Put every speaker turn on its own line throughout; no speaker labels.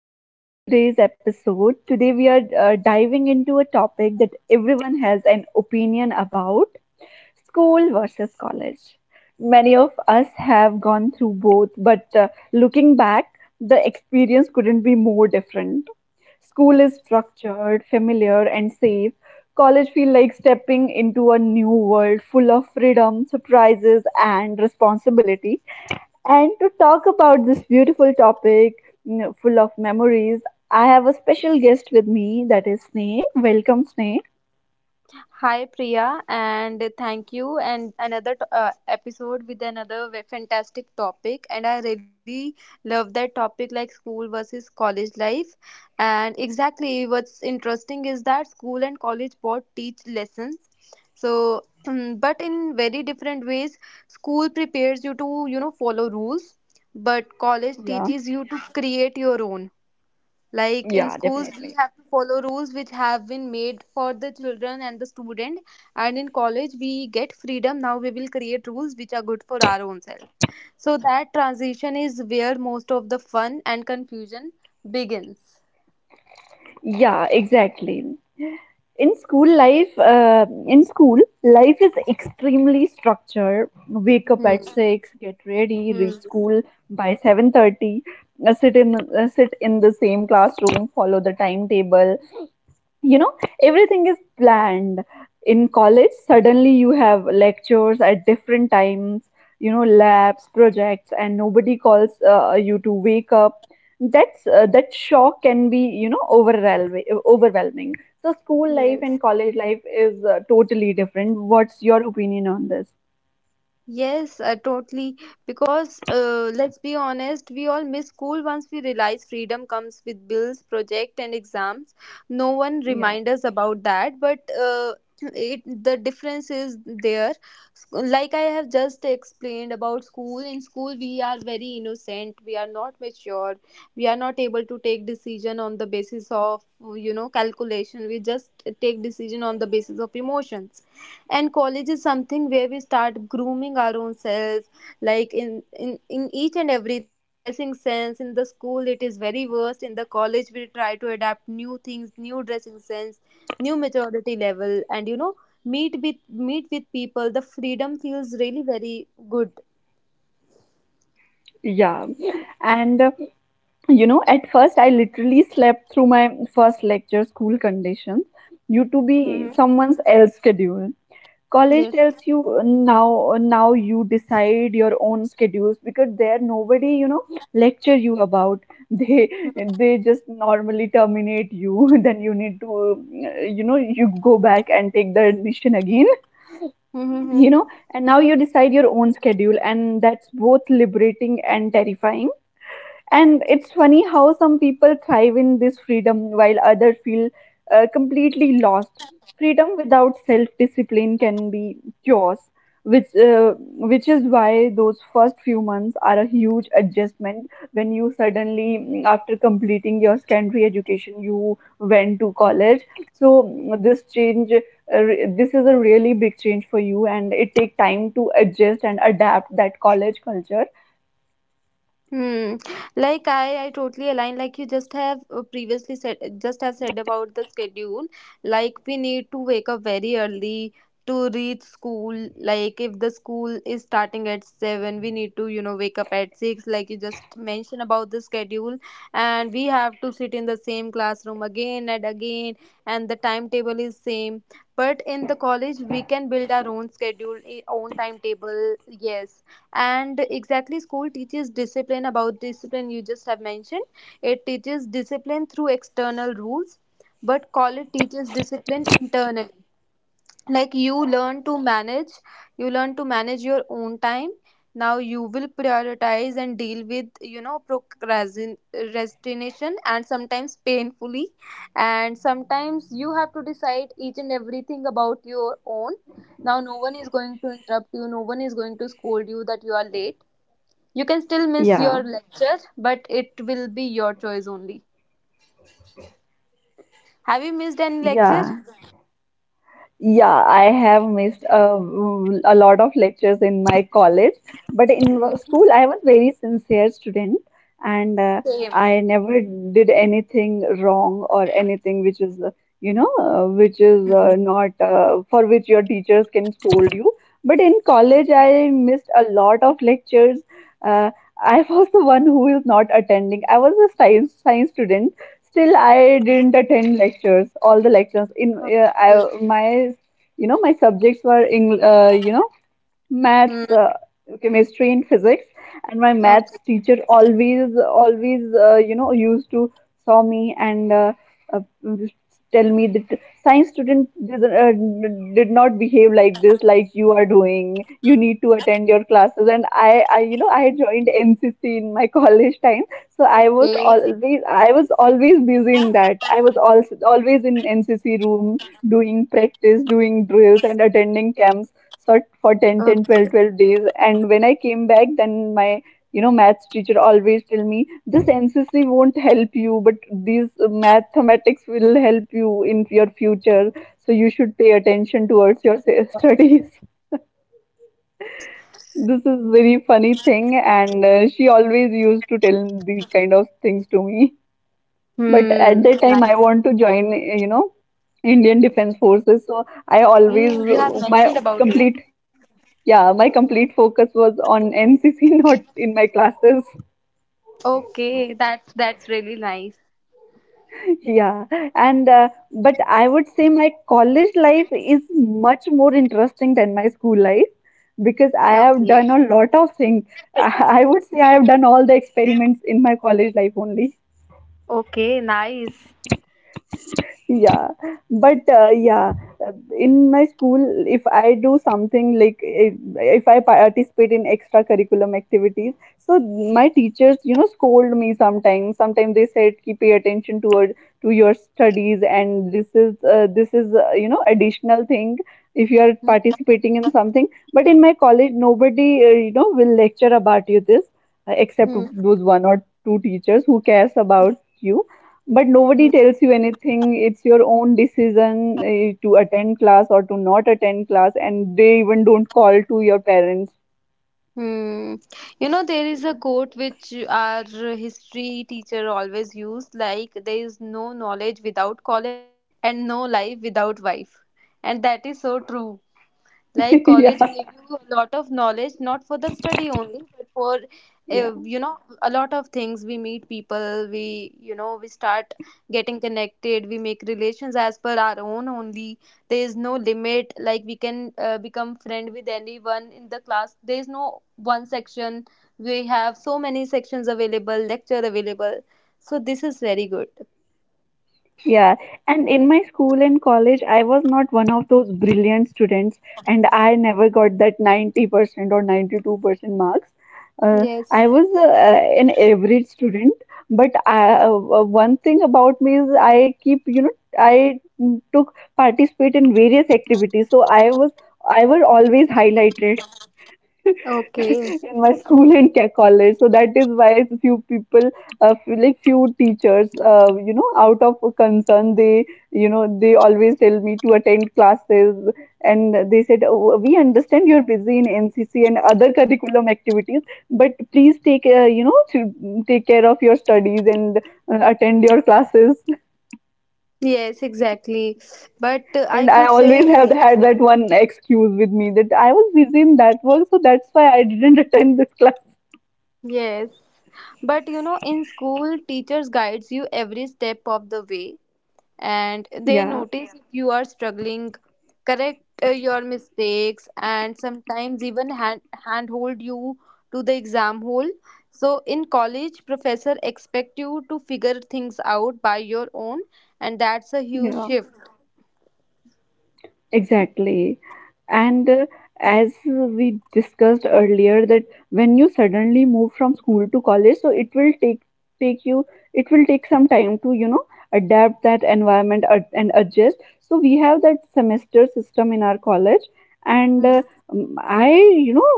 Welcome to today's episode. Today, we are diving into a topic that everyone has an opinion about school versus college. Many of us have gone through both, but looking back, the experience couldn't be more different. School is structured, familiar, and safe. College feels like stepping into a new world full of freedom, surprises, and responsibility. And to talk about this beautiful topic full of memories, I have a special guest with me that is Sneh. Welcome, Sneh.
Hi Priya, and thank you. And another episode with another fantastic topic. And I really love that topic, like school versus college life. And exactly what's interesting is that school and college both teach lessons. So, but in very different ways. School prepares you to, follow rules, but college
Yeah.
teaches you to create your own. Like in
Yeah,
schools, we
definitely.
have to follow rules which have been made for the children and the student. And in college, we get freedom. Now we will create rules which are good for our own self. So that transition is where most of the fun and confusion begins.
Yeah, exactly. In school, life is extremely structured. Wake up
Hmm.
at 6, get ready, reach
Hmm.
school by 7:30, sit in the same classroom, follow the timetable. You know, everything is planned. In college, suddenly you have lectures at different times. You know, labs, projects, and nobody calls you to wake up. That shock can be, you know, overwhelming, so school life
Yes.
and college life is totally different. What's your opinion on this?
Yes, totally. Because let's be honest, we all miss school once we realize freedom comes with bills, project, and exams. No one
Yeah.
remind us about that, but it the difference is there. Like I have just explained about school. In school, we are very innocent. We are not mature. We are not able to take decision on the basis of calculation. We just take decision on the basis of emotions, and college is something where we start grooming our own selves, like in each and everything, dressing sense in the school it is very worst, in the college we try to adapt new things, new dressing sense, new maturity level, and you know meet with people. The freedom feels really very good.
Yeah, and you know, at first I literally slept through my first lecture. School conditions you to be
Mm-hmm.
someone else's schedule. College
Yes.
tells you, now you decide your own schedules because there nobody, you know, lecture you about. they they just normally terminate you. Then you need to, you know, you go back and take the admission again.
Mm-hmm.
You know, and now you decide your own schedule, and that's both liberating and terrifying. And it's funny how some people thrive in this freedom while others feel completely lost. Freedom without self-discipline can be chaos, which uh, which is why those first few months are a huge adjustment when you suddenly, after completing your secondary education, you went to college. So this change, this is a really big change for you, and it take time to adjust and adapt that college culture.
Hmm. Like I totally align. Like you just have previously said, just have said about the schedule. Like we need to wake up very early to reach school. Like if the school is starting at seven, we need to wake up at six. Like you just mentioned about the schedule, and we have to sit in the same classroom again and again, and the timetable is same. But in the college, we can build our own schedule, own timetable. Yes, and exactly school teaches discipline, about discipline you just have mentioned, it teaches discipline through external rules, but college teaches discipline internally. Like you learn to manage, you learn to manage your own time. Now you will prioritize and deal with you know procrastination, and sometimes painfully, and sometimes you have to decide each and everything about your own. Now no one is going to interrupt you, no one is going to scold you that you are late. You can still miss
Yeah,
your lecture, but it will be your choice only. Have you missed any lecture?
yeah. Yeah, I have missed a lot of lectures in my college, but in
Mm.
school I was very sincere student. And
Same.
I never did anything wrong or anything which is not for which your teachers can scold you. But in college I missed a lot of lectures. Uh, I was the one who is not attending. I was a science student. Still, I didn't attend lectures, all the lectures. You know, my subjects were you know,
Hmm.
maths, chemistry, and physics. And my maths teacher always, always, you know, used to saw me and uh, tell me that science student did not behave like this, like you are doing. You need to attend your classes. And you know, I joined NCC in my college time, so I was
Okay.
always, busy in that. I was also always in NCC room doing practice, doing drills, and attending camps sort for
Okay.
12 days. And when I came back, then my, you know, maths teacher always tell me this: NCC won't help you, but these mathematics will help you in your future, so you should pay attention towards your studies. This is very funny thing, and she always used to tell these kind of things to me. But at
Hmm.
that time I
Nice.
want to join, you know, Indian defense forces, so I
Hmm,
always,
you have
my
mentioned about it.
complete yeah, my complete focus was on NCC, not in my classes.
Okay. That's really nice.
Yeah, and but I would say my college life is much more interesting than my school life because I have
Okay.
done a lot of things. I would say I have done all the experiments in my college life only.
Okay. Nice.
Yeah, but uh, in my school, if I do something like if I participate in extracurriculum activities, so my teachers, you know, scold me sometimes. Sometimes they said, "Ki pay attention toward to your studies, and this is, you know, additional thing if you are
Hmm.
participating in something. But in my college, nobody, you know, will lecture about you this, except
Hmm.
those one or two teachers who cares about you. But
Hmm.
nobody tells you anything. It's your own decision to attend class or to not attend class, and they even don't call to your parents.
Hmm. You know, there is a quote which our history teacher always used, like, there is no knowledge without college and no life without wife. And that is so true. Like
Yeah.
college gave you a lot of knowledge, not for the study only, but for
Yeah.
you know a lot of things. We meet people, we you know we start getting connected, we make relations as per our own only. There is no limit. Like we can become friend with anyone in the class. There is no one section. We have so many sections available, lecture available. So this is very good.
Yeah, and in my school and college, I was not one of those brilliant students, and I never got that 90% or 92% marks. Uh,
Yes.
I was an average student, but one thing about me is I keep, you know, I took participate in various activities, so I was always highlighted
Okay.
in my school and college. So that is why few people, like few teachers, you know, out of concern, you know, they always tell me to attend classes, and they said, oh, "We understand you're busy in NCC and other curriculum activities, but please take, you know, to take care of your studies and attend your classes."
Yes, exactly. But I
And I
could
always
say
have had that one excuse with me that I was busy in that work, so that's why I didn't attend this class.
yes. But you know in school teachers guides you every step of the way, and they
Yeah,
notice, yeah, if you are struggling, correct your mistakes, and sometimes even handhold you to the exam hall. So in college professor expect you to figure things out by your own, and that's a huge
yeah.
shift.
Exactly. And as we discussed earlier, that when you suddenly move from school to college, so it will take take you, it will take some time to, you know, adapt that environment and adjust. So we have that semester system in our college, and
Mhm.
I, you know,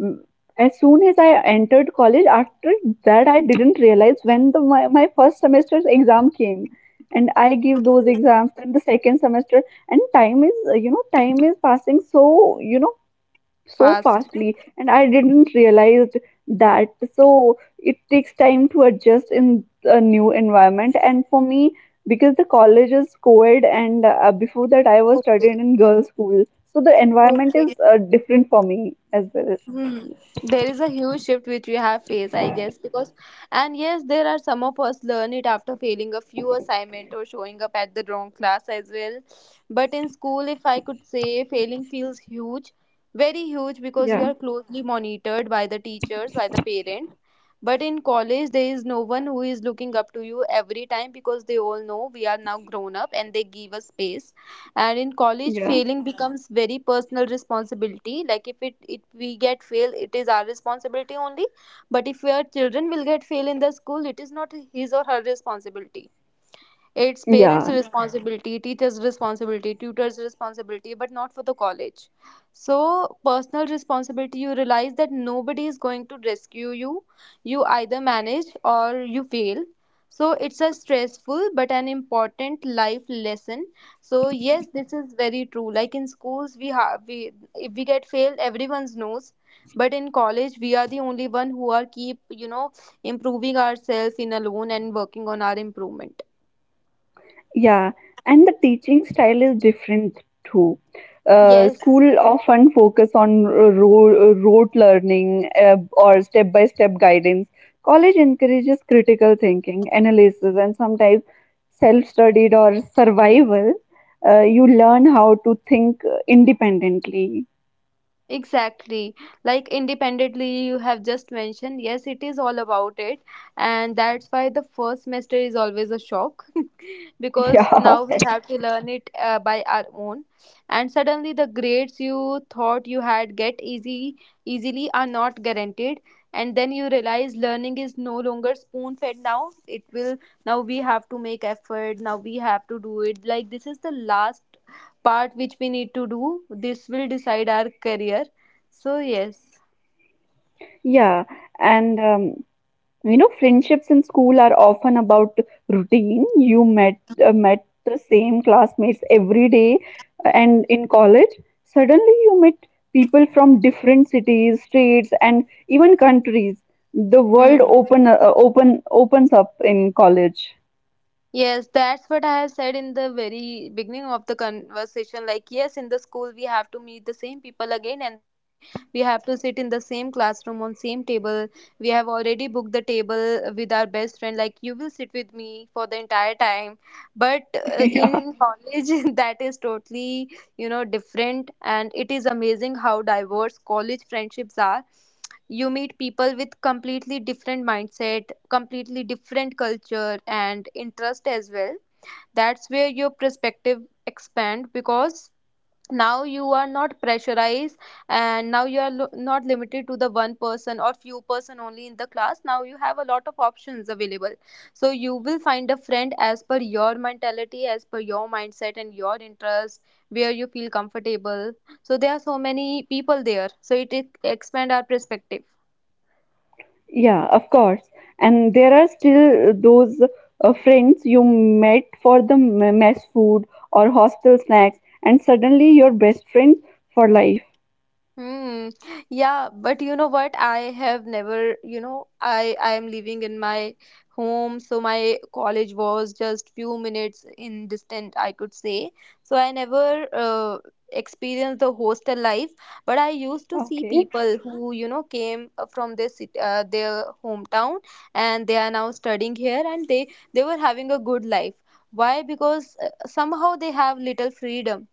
as soon as I entered college, after that I didn't realize when my first semester's exam came, and I gave those exams. Then the second semester, and time is, you know, time is passing, so you know, so
Fast.
fastly, and I didn't realize that. So it takes time to adjust in a new environment. And for me, because the college is co-ed and before that I was
Okay.
studying in girls school, so the environment
Okay.
is different for me as well.
Hmm. There is a huge shift which we have faced, I guess, because, and yes, there are some of us learn it after failing a few assignment or showing up at the wrong class as well. But in school, if I could say, failing feels huge, very huge, because you
Yeah.
are closely monitored by the teachers, by the parents. But in college, there is no one who is looking up to you every time because they all know we are now grown up and they give us space. And in college
Yeah.
failing becomes very personal responsibility, like if it if we get fail it is our responsibility only. But if your children will get fail in the school it is not his or her responsibility, it's parents'
Yeah.
responsibility, teachers' responsibility, tutors' responsibility, but not for the college. So, personal responsibility, you realize that nobody is going to rescue you. You either manage or you fail. So, it's a stressful but an important life lesson. So, yes, this is very true. Like in schools, we have we if we get failed, everyone knows. But in college, we are the only one who are keep you know improving ourselves in alone and working on our improvement.
Yeah, and the teaching style is different too. Uh,
Yes,
school often focus on rote learning, or step-by-step guidance. College encourages critical thinking, analysis, and sometimes self-studied or survival. You learn how to think independently.
exactly. Like independently, you have just mentioned, yes, it is all about it. And that's why the first semester is always a shock, because
Yeah.
now we have to learn it by our own, and suddenly the grades you thought you had get easy easily are not guaranteed, and then you realize learning is no longer spoon fed. Now it will Now we have to make effort, now we have to do it, like this is the last part which we need to do, this will decide our career. So yes.
Yeah, and you know, friendships in school are often about routine. You met the same classmates every day, and in college, suddenly you meet people from different cities, states, and even countries. The world
Hmm.
opens up in college.
Yes, that's what I have said in the very beginning of the conversation. Like, yes, in the school we have to meet the same people again and again. We have to sit in the same classroom on same table. We have already booked the table with our best friend. Like, you will sit with me for the entire time. But
Yeah,
in college, that is totally you know different, and it is amazing how diverse college friendships are. You meet people with completely different mindset, completely different culture and interest as well. That's where your perspective expand, because now you are not pressurized, and now you are not limited to the one person or few person only in the class. Now you have a lot of options available, so you will find a friend as per your mentality, as per your mindset and your interest, where you feel comfortable. So there are so many people there, so it expand our perspective.
yeah, of course. And there are still those friends you met for the mess food or hostel snacks, and suddenly you're best friends for life.
Hmm. Yeah, but you know what? I have never, you know, I am living in my home, so my college was just few minutes in distant, I could say. So I never experienced the hostel life, but I used to see
Okay.
people who, you know, came from their their hometown, and they are now studying here, and they were having a good life. Why? Because somehow they have little freedom.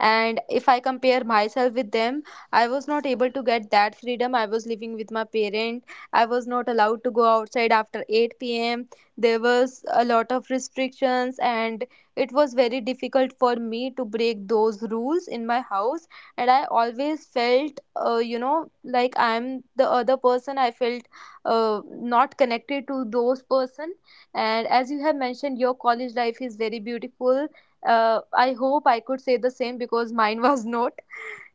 And if I compare myself with them, I was not able to get that freedom, I was living with my parent, I was not allowed to go outside after 8 p.m. There was a lot of restrictions, and it was very difficult for me to break those rules in my house. And I always felt you know like I'm the other person, I felt uh, not connected to those person. And as you have mentioned your college life is very beautiful, I hope I could say the same because mine was not.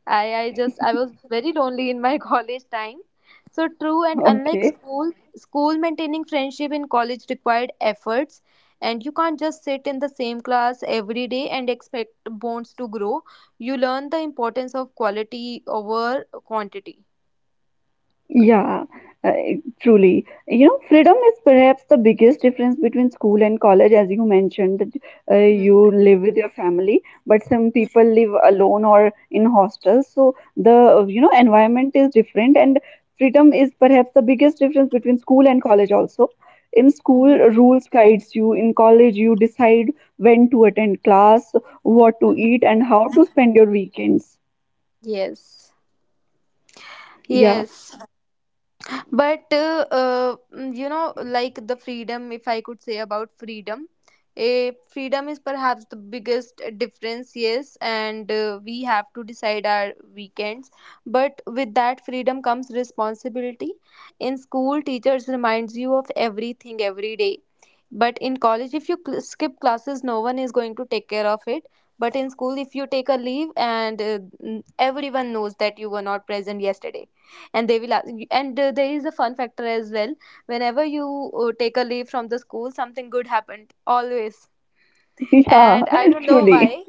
I was very lonely in my college time. So true, and unlike
Okay.
school, school maintaining friendship in college required efforts, and you can't just sit in the same class every day and expect bonds to grow. You learn the importance of quality over quantity.
Yeah, uh, truly. You know, freedom is perhaps the biggest difference between school and college, as you mentioned, that
Hmm.
you live with your family, but some
Hmm.
people live alone or in hostels. So the, you know, environment is different, and freedom is perhaps the biggest difference between school and college also. In school,
Mhm.
rules guides you. In college, you decide when to attend class, what to
Mhm.
eat, and how to spend your weekends.
Yes.
Yeah,
Yes. But you know like the freedom, if I could say about freedom, freedom is perhaps the biggest difference, yes, and we have to decide our weekends. But with that freedom comes responsibility. In school teachers reminds you of everything every day, but in college if you skip classes no one is going to take care of it. But in school if you take a leave, and everyone knows that you were not present yesterday, and they will ask, and there is a fun factor as well, whenever you take a leave from the school something good happened always,
yeah,
and I don't know
truly.
why.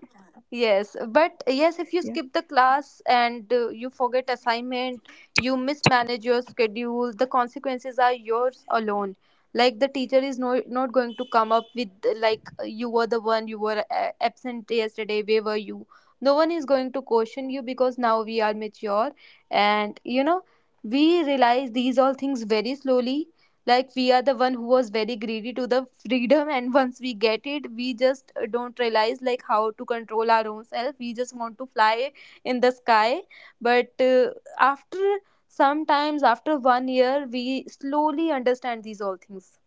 Yes, but yes, if you skip the class and you forget assignment, you mismanage your schedule, the consequences are yours alone. Like the teacher is not going to come up with you were absent yesterday, where were you? No one is going to question you because now we are mature and we realize these all things very slowly. Like we are the one who was very greedy to the freedom, and once we get it we just don't realize like how to control our own self, we just want to fly in the sky, but after sometimes after one year we slowly understand these all things.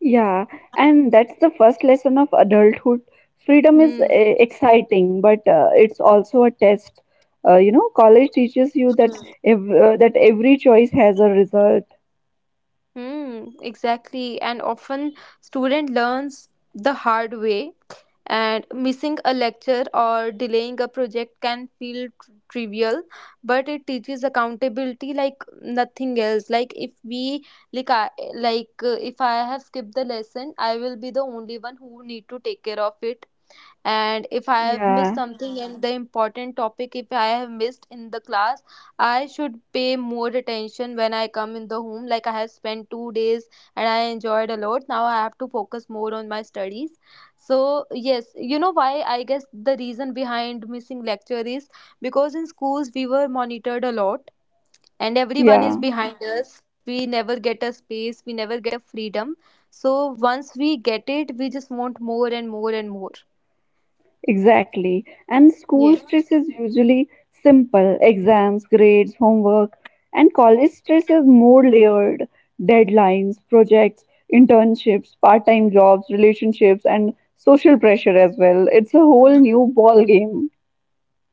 Yeah, and that's the first lesson of adulthood. Freedom is
Hmm.
exciting, but it's also a test. You know, college teaches you that
Hmm.
every choice has a result.
Hmm, exactly. And often student learns the hard way, and missing a lecture or delaying a project can feel trivial, but it teaches accountability like nothing else. Like if we like I, like if I have skipped the lesson, I will be the only one who need to take care of it. And if I have missed
Yeah,
something and the important topic if I have missed in the class, I should pay more attention when I come in the home. Like I have spent 2 days and I enjoyed a lot, now I have to focus more on my studies. So yes, why, I guess the reason behind missing lecture is because in schools we were monitored a lot, and everyone is
yeah.
behind, mhm, us. We never get a space, we never get a freedom. So once we get it we just want more and more and more.
Exactly. And school
Yeah.
stress is usually simple exams, grades, homework, and college stress is more layered deadlines, projects, internships, part time jobs, relationships, and social pressure as well. It's a whole new ball game.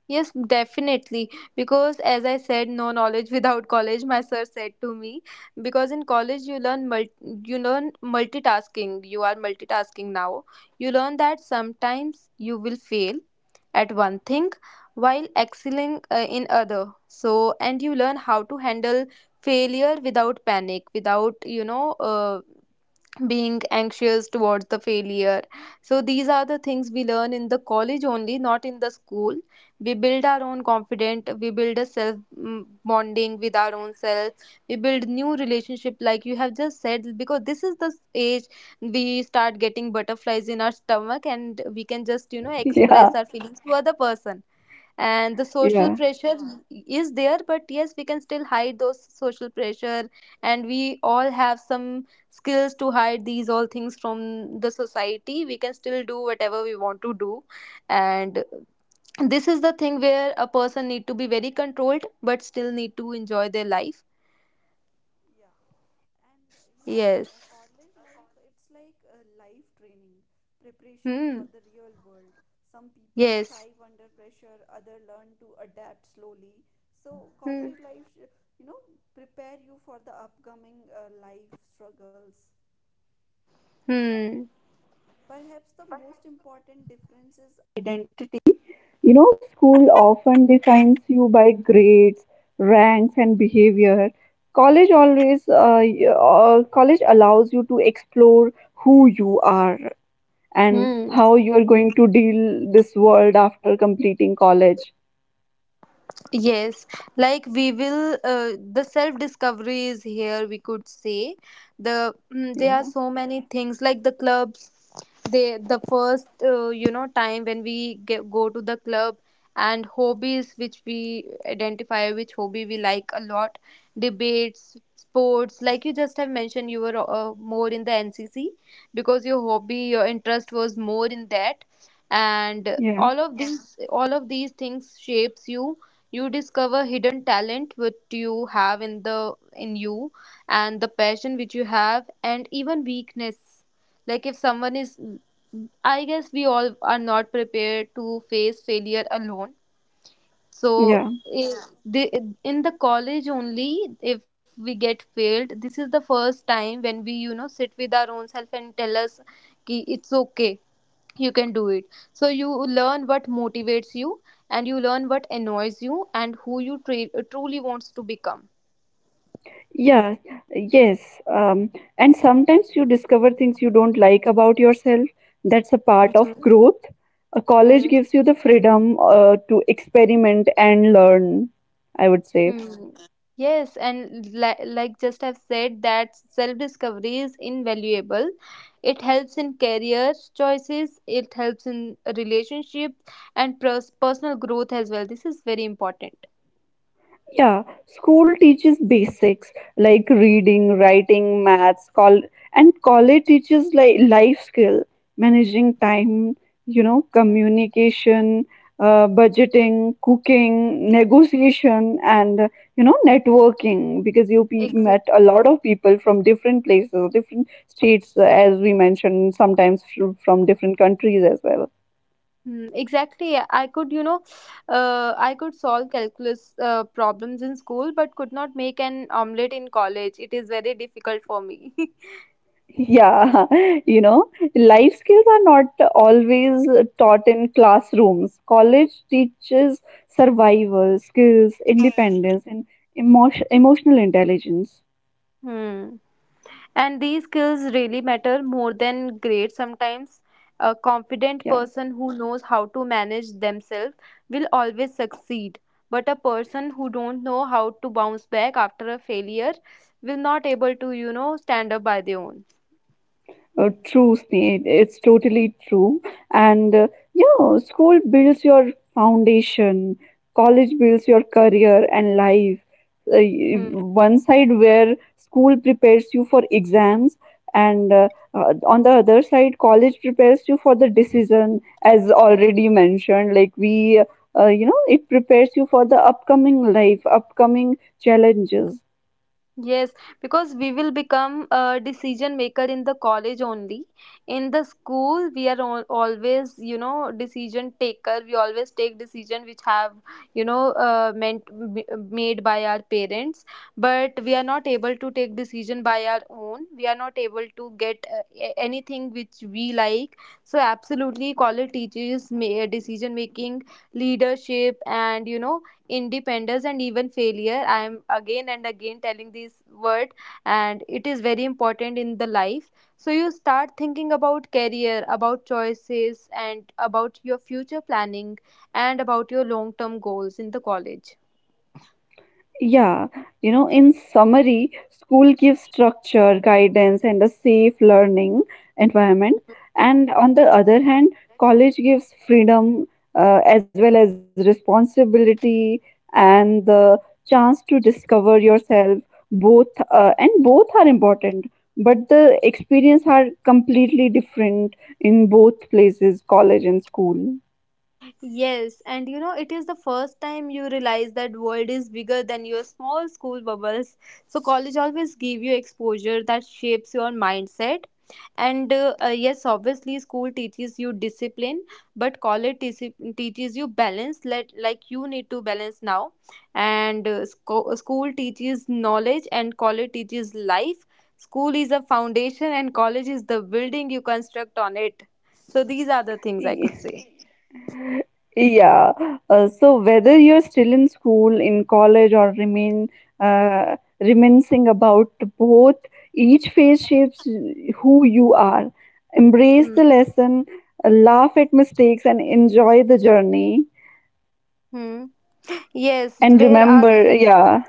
Yes, definitely. Because as I said, no knowledge without college, my sir said to me. Because in college you learn you learn multitasking. You are multitasking now. You learn that sometimes you will fail at one thing while excelling in other. So and you learn how to handle failure without panic, without being anxious towards the failure. So these are the things we learn in the college only, not in the school. We build our own confidence, we build a self bonding with our own self. We build new relationship like you have just said, because this is the age we start getting butterflies in our stomach, and we can just
Yeah,
express our feelings to other person. And the social
yeah.
pressure, mhm, is there, but yes, we can still hide those social pressure, and we all have some skills to hide these all things from the society. We can still do whatever we want to do, and this is the thing where a person need to be very controlled but still need to enjoy their life. Yes. Hmm. Yes. Hmm. Hmm.
Ranks and behavior. College allows you to explore who you are and
Hmm.
how you are going to deal this world after completing college.
Yes, like the self discovery is here, we could say. There are
Yeah.
so many things like the clubs, the first time when go to the club, and hobbies which we identify, which hobby we like a lot, debates, sports, like you just have mentioned you were more in the NCC because your hobby, your interest was more in that. And
Yeah.
all of, yeah, these all of these things shapes you. You discover hidden talent which you have in you, and the passion which you have, and even weakness. Like if someone is I guess we all are not prepared to face failure alone. So
Yeah.
i- the- in the college only, if we get failed, this is the first time when we, sit with our own self and tell us ki it's okay, you can do it. So you learn what motivates you, and you learn what annoys you and who you truly wants to become.
Yeah. Yes, and sometimes you discover things you don't like about yourself. That's a part of
Mhm.
growth. A college
Hmm.
gives you the freedom to experiment and learn, I would say.
Hmm. Yes, and li like just have said that self-discovery is invaluable. It helps in career choices, it helps in relationships and pers personal growth as well. This is very important.
Yeah, school teaches basics like reading, writing, maths, col and college teaches like life skill, managing time, you know, communication, budgeting, cooking, negotiation, and you know, networking, because you pe
Exactly.
met a lot of people from different places, different states, as we mentioned, sometimes from different countries as well.
Hmm. Exactly. Yeah. I could solve calculus problems in school, but could not make an omelette in college. It is very difficult for me.
Yeah, you know, life skills are not always taught in classrooms. College teaches survival skills, independence, and emotional intelligence.
Hmm. And these skills really matter more than grades sometimes. A confident
Yeah.
person who knows how to manage themselves will always succeed, but a person who don't know how to bounce back after a failure will not able to stand up by their own.
True, Sneha. It's totally true. And yeah, school builds your foundation, college builds your career and life. Uh, y-
Hmm.
one side where school prepares you for exams, and on the other side, college prepares you for the decision, as already mentioned. You know, it prepares you for the upcoming life, upcoming challenges.
Yes, because we will become a decision maker in the college only. In the school, we are al always, decision taker. We always take decision which have, you know, uh, meant m- made by our parents. But we are not able to take decision by our own. We are not able to get anything which we like. So absolutely, college teaches decision making, leadership, and independence, and even failure, I am again and again telling this word, and it is very important in the life. So you start thinking about career, about choices, and about your future planning, and about your long term goals in the college.
Yeah, you know, in summary, school gives structure, guidance, and a safe learning environment. And on the other hand, college gives freedom as well as responsibility and the chance to discover yourself. Both are important, but the experience are completely different in both places, college and school.
Yes, and it is the first time you realize that world is bigger than your small school bubbles. So college always give you exposure that shapes your mindset. And yes, obviously school teaches you discipline, but college teaches you balance, like you need to balance now. And school teaches knowledge and college teaches life. School is a foundation and college is the building you construct on it. So these are the things
E,
I could say.
Yeah. So whether you're still in school, in college, or remain reminiscing about both, each phase shapes who you are. Embrace
Hmm.
the lesson, laugh at mistakes, and enjoy the journey.
Hmm. Yes,
And
there are,
remember, yeah.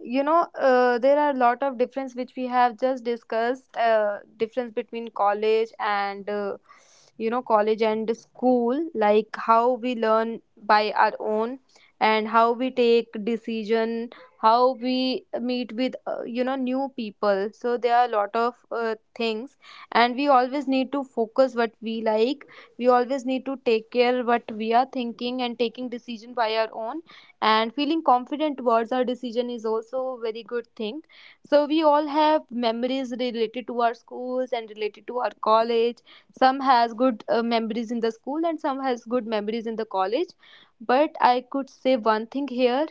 you know, uh, there are a lot of difference which we have just discussed. Difference between college and school, like how we learn by our own, and how we take decision, how we meet with, new people. So there are a lot of things, and we always need to focus what we like. We always need to take care what we are thinking and taking decision by our own, and feeling confident towards our decision is also a very good thing. So we all have memories related to our schools and related to our college. Some has good memories in the school and some has good memories in the college, but I could say one thing here: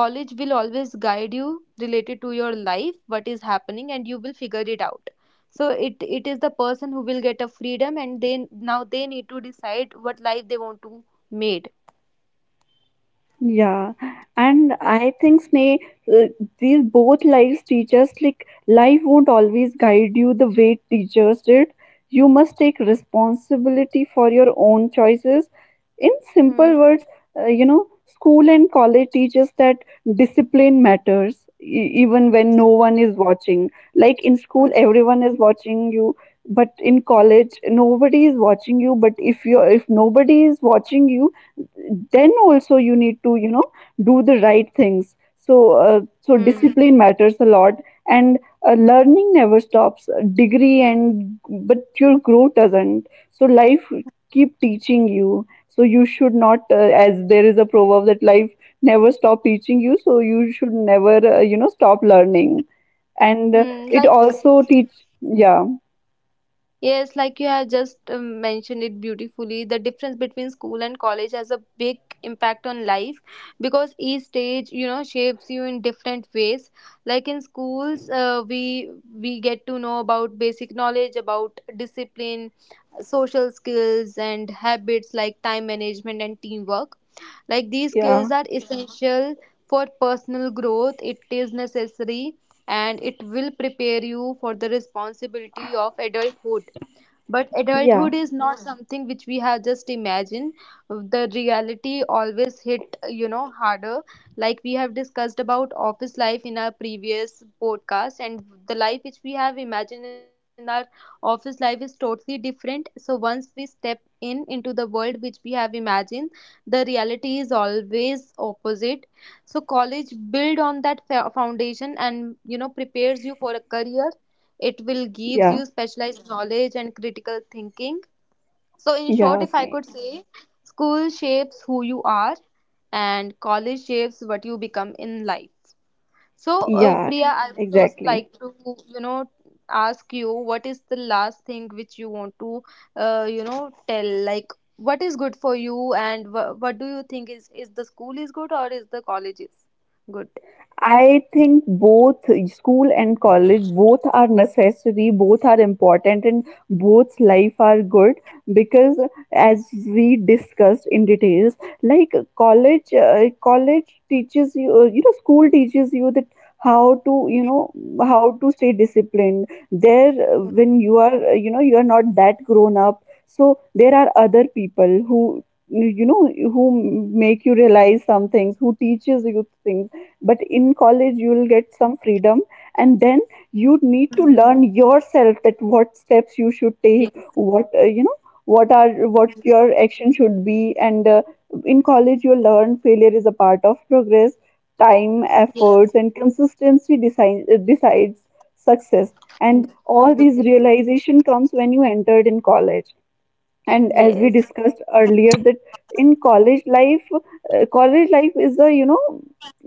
college will always guide you related to your life, what is happening, and you will figure it out. So it is the person who will get a freedom, and then now they need to decide what life they want to made.
Yeah, and I think Sneh, uh, these both lives teach us like life won't always guide you the way teachers did. You must take responsibility for your own choices. In
Hmm.
simple words, you know, school and college teaches that discipline matters even when no one is watching. Like in school,
Hmm.
everyone is watching you, but in college, nobody is watching you. But if nobody is watching you, then also you need to, you know, do the right things. So uh,
Hmm.
so discipline matters a lot. And learning never stops. A degree and but your growth doesn't, so life keep teaching you, so you should not, as there is a proverb that life never stop teaching you, so you should never, you know, stop learning. And
Hmm.
it
Like
also teach. Yeah.
yes, like you have just mentioned it beautifully. The difference between school and college has a big impact on life, because each stage, shapes you in different ways. Like in schools, we get to know about basic knowledge, about discipline, social skills, and habits like time management and teamwork. Like these
Yeah.
skills are essential for personal growth, it is necessary, and it will prepare you for the responsibility of adulthood. But
Yeah.
adulthood is not something which we have just imagined. The reality always hit, harder. Like we have discussed about office life in our previous podcast, and the life which we have imagined in our office life is totally different. So once we step in into the world which we have imagined, the reality is always opposite. So college build on that foundation, and prepares you for a career. It will gives
Yeah.
you specialized knowledge and critical thinking. So in short,
Yeah,
if I
Sneh.
could say, school shapes who you are and college shapes what you become in life. So
Yeah,
priya, I would also
exactly.
like to you know ask you, what is the last thing which you want to tell, like what is good for you, and what do you think, is the school is good or is the college is good.
I think both school and college both are necessary, both are important, and both life are good because as we discussed in details, like college teaches you, you know, school teaches you that how to, you know, how to stay disciplined. When you are, you know, you are not that grown up, so there are other people who, you know, who make you realize some things, who teaches you things. But in college you will get some freedom, and then you
Mhm,
need to
mhm.
learn yourself that what steps you should
Yes.
take, what you know, what your action should be, and in college you learn failure is a part of progress. Time,
Yes.
efforts, and consistency decides success. And all these
Yes.
realization comes when you entered in college. And as we
Yes.
discussed earlier, that in college life is a, you know,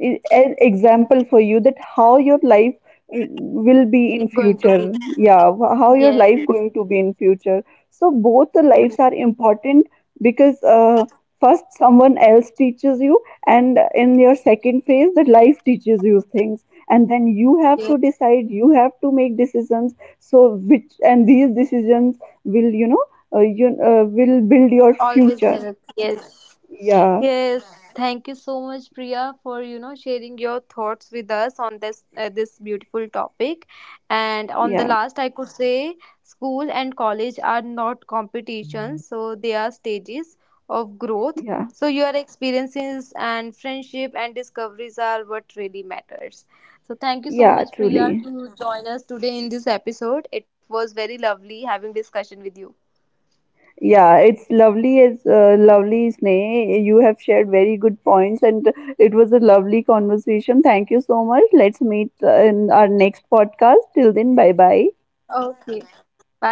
an example for you that how your life uh, will
It's
be
going
in
to be.
future. Yeah, how
Yes.
your life going to be in future. So both the
Mm,
lives are important because first someone else teaches you, and in your second phase that life teaches you things, and then you have
yes.
to decide, you have to make decisions. So which and these decisions will, you know you will build your
Always
future.
help. Yes.
Yeah,
Yes. Thank you so much, Priya, for sharing your thoughts with us on this beautiful topic. And on the
yeah,
last, I could say school and college are not competitions, so they are stages of growth.
yeah,
So your experiences and friendship and discoveries are what really matters. So thank you so
yeah,
much, Priya,
truly.
to join us today in this episode. It was very lovely having discussion with you.
Yeah, it's lovely as lovely, Sneh. You have shared very good points, and it was a lovely conversation. Thank you so much. Let's meet in our next podcast. Till then, bye bye.
Okay. Bye bye.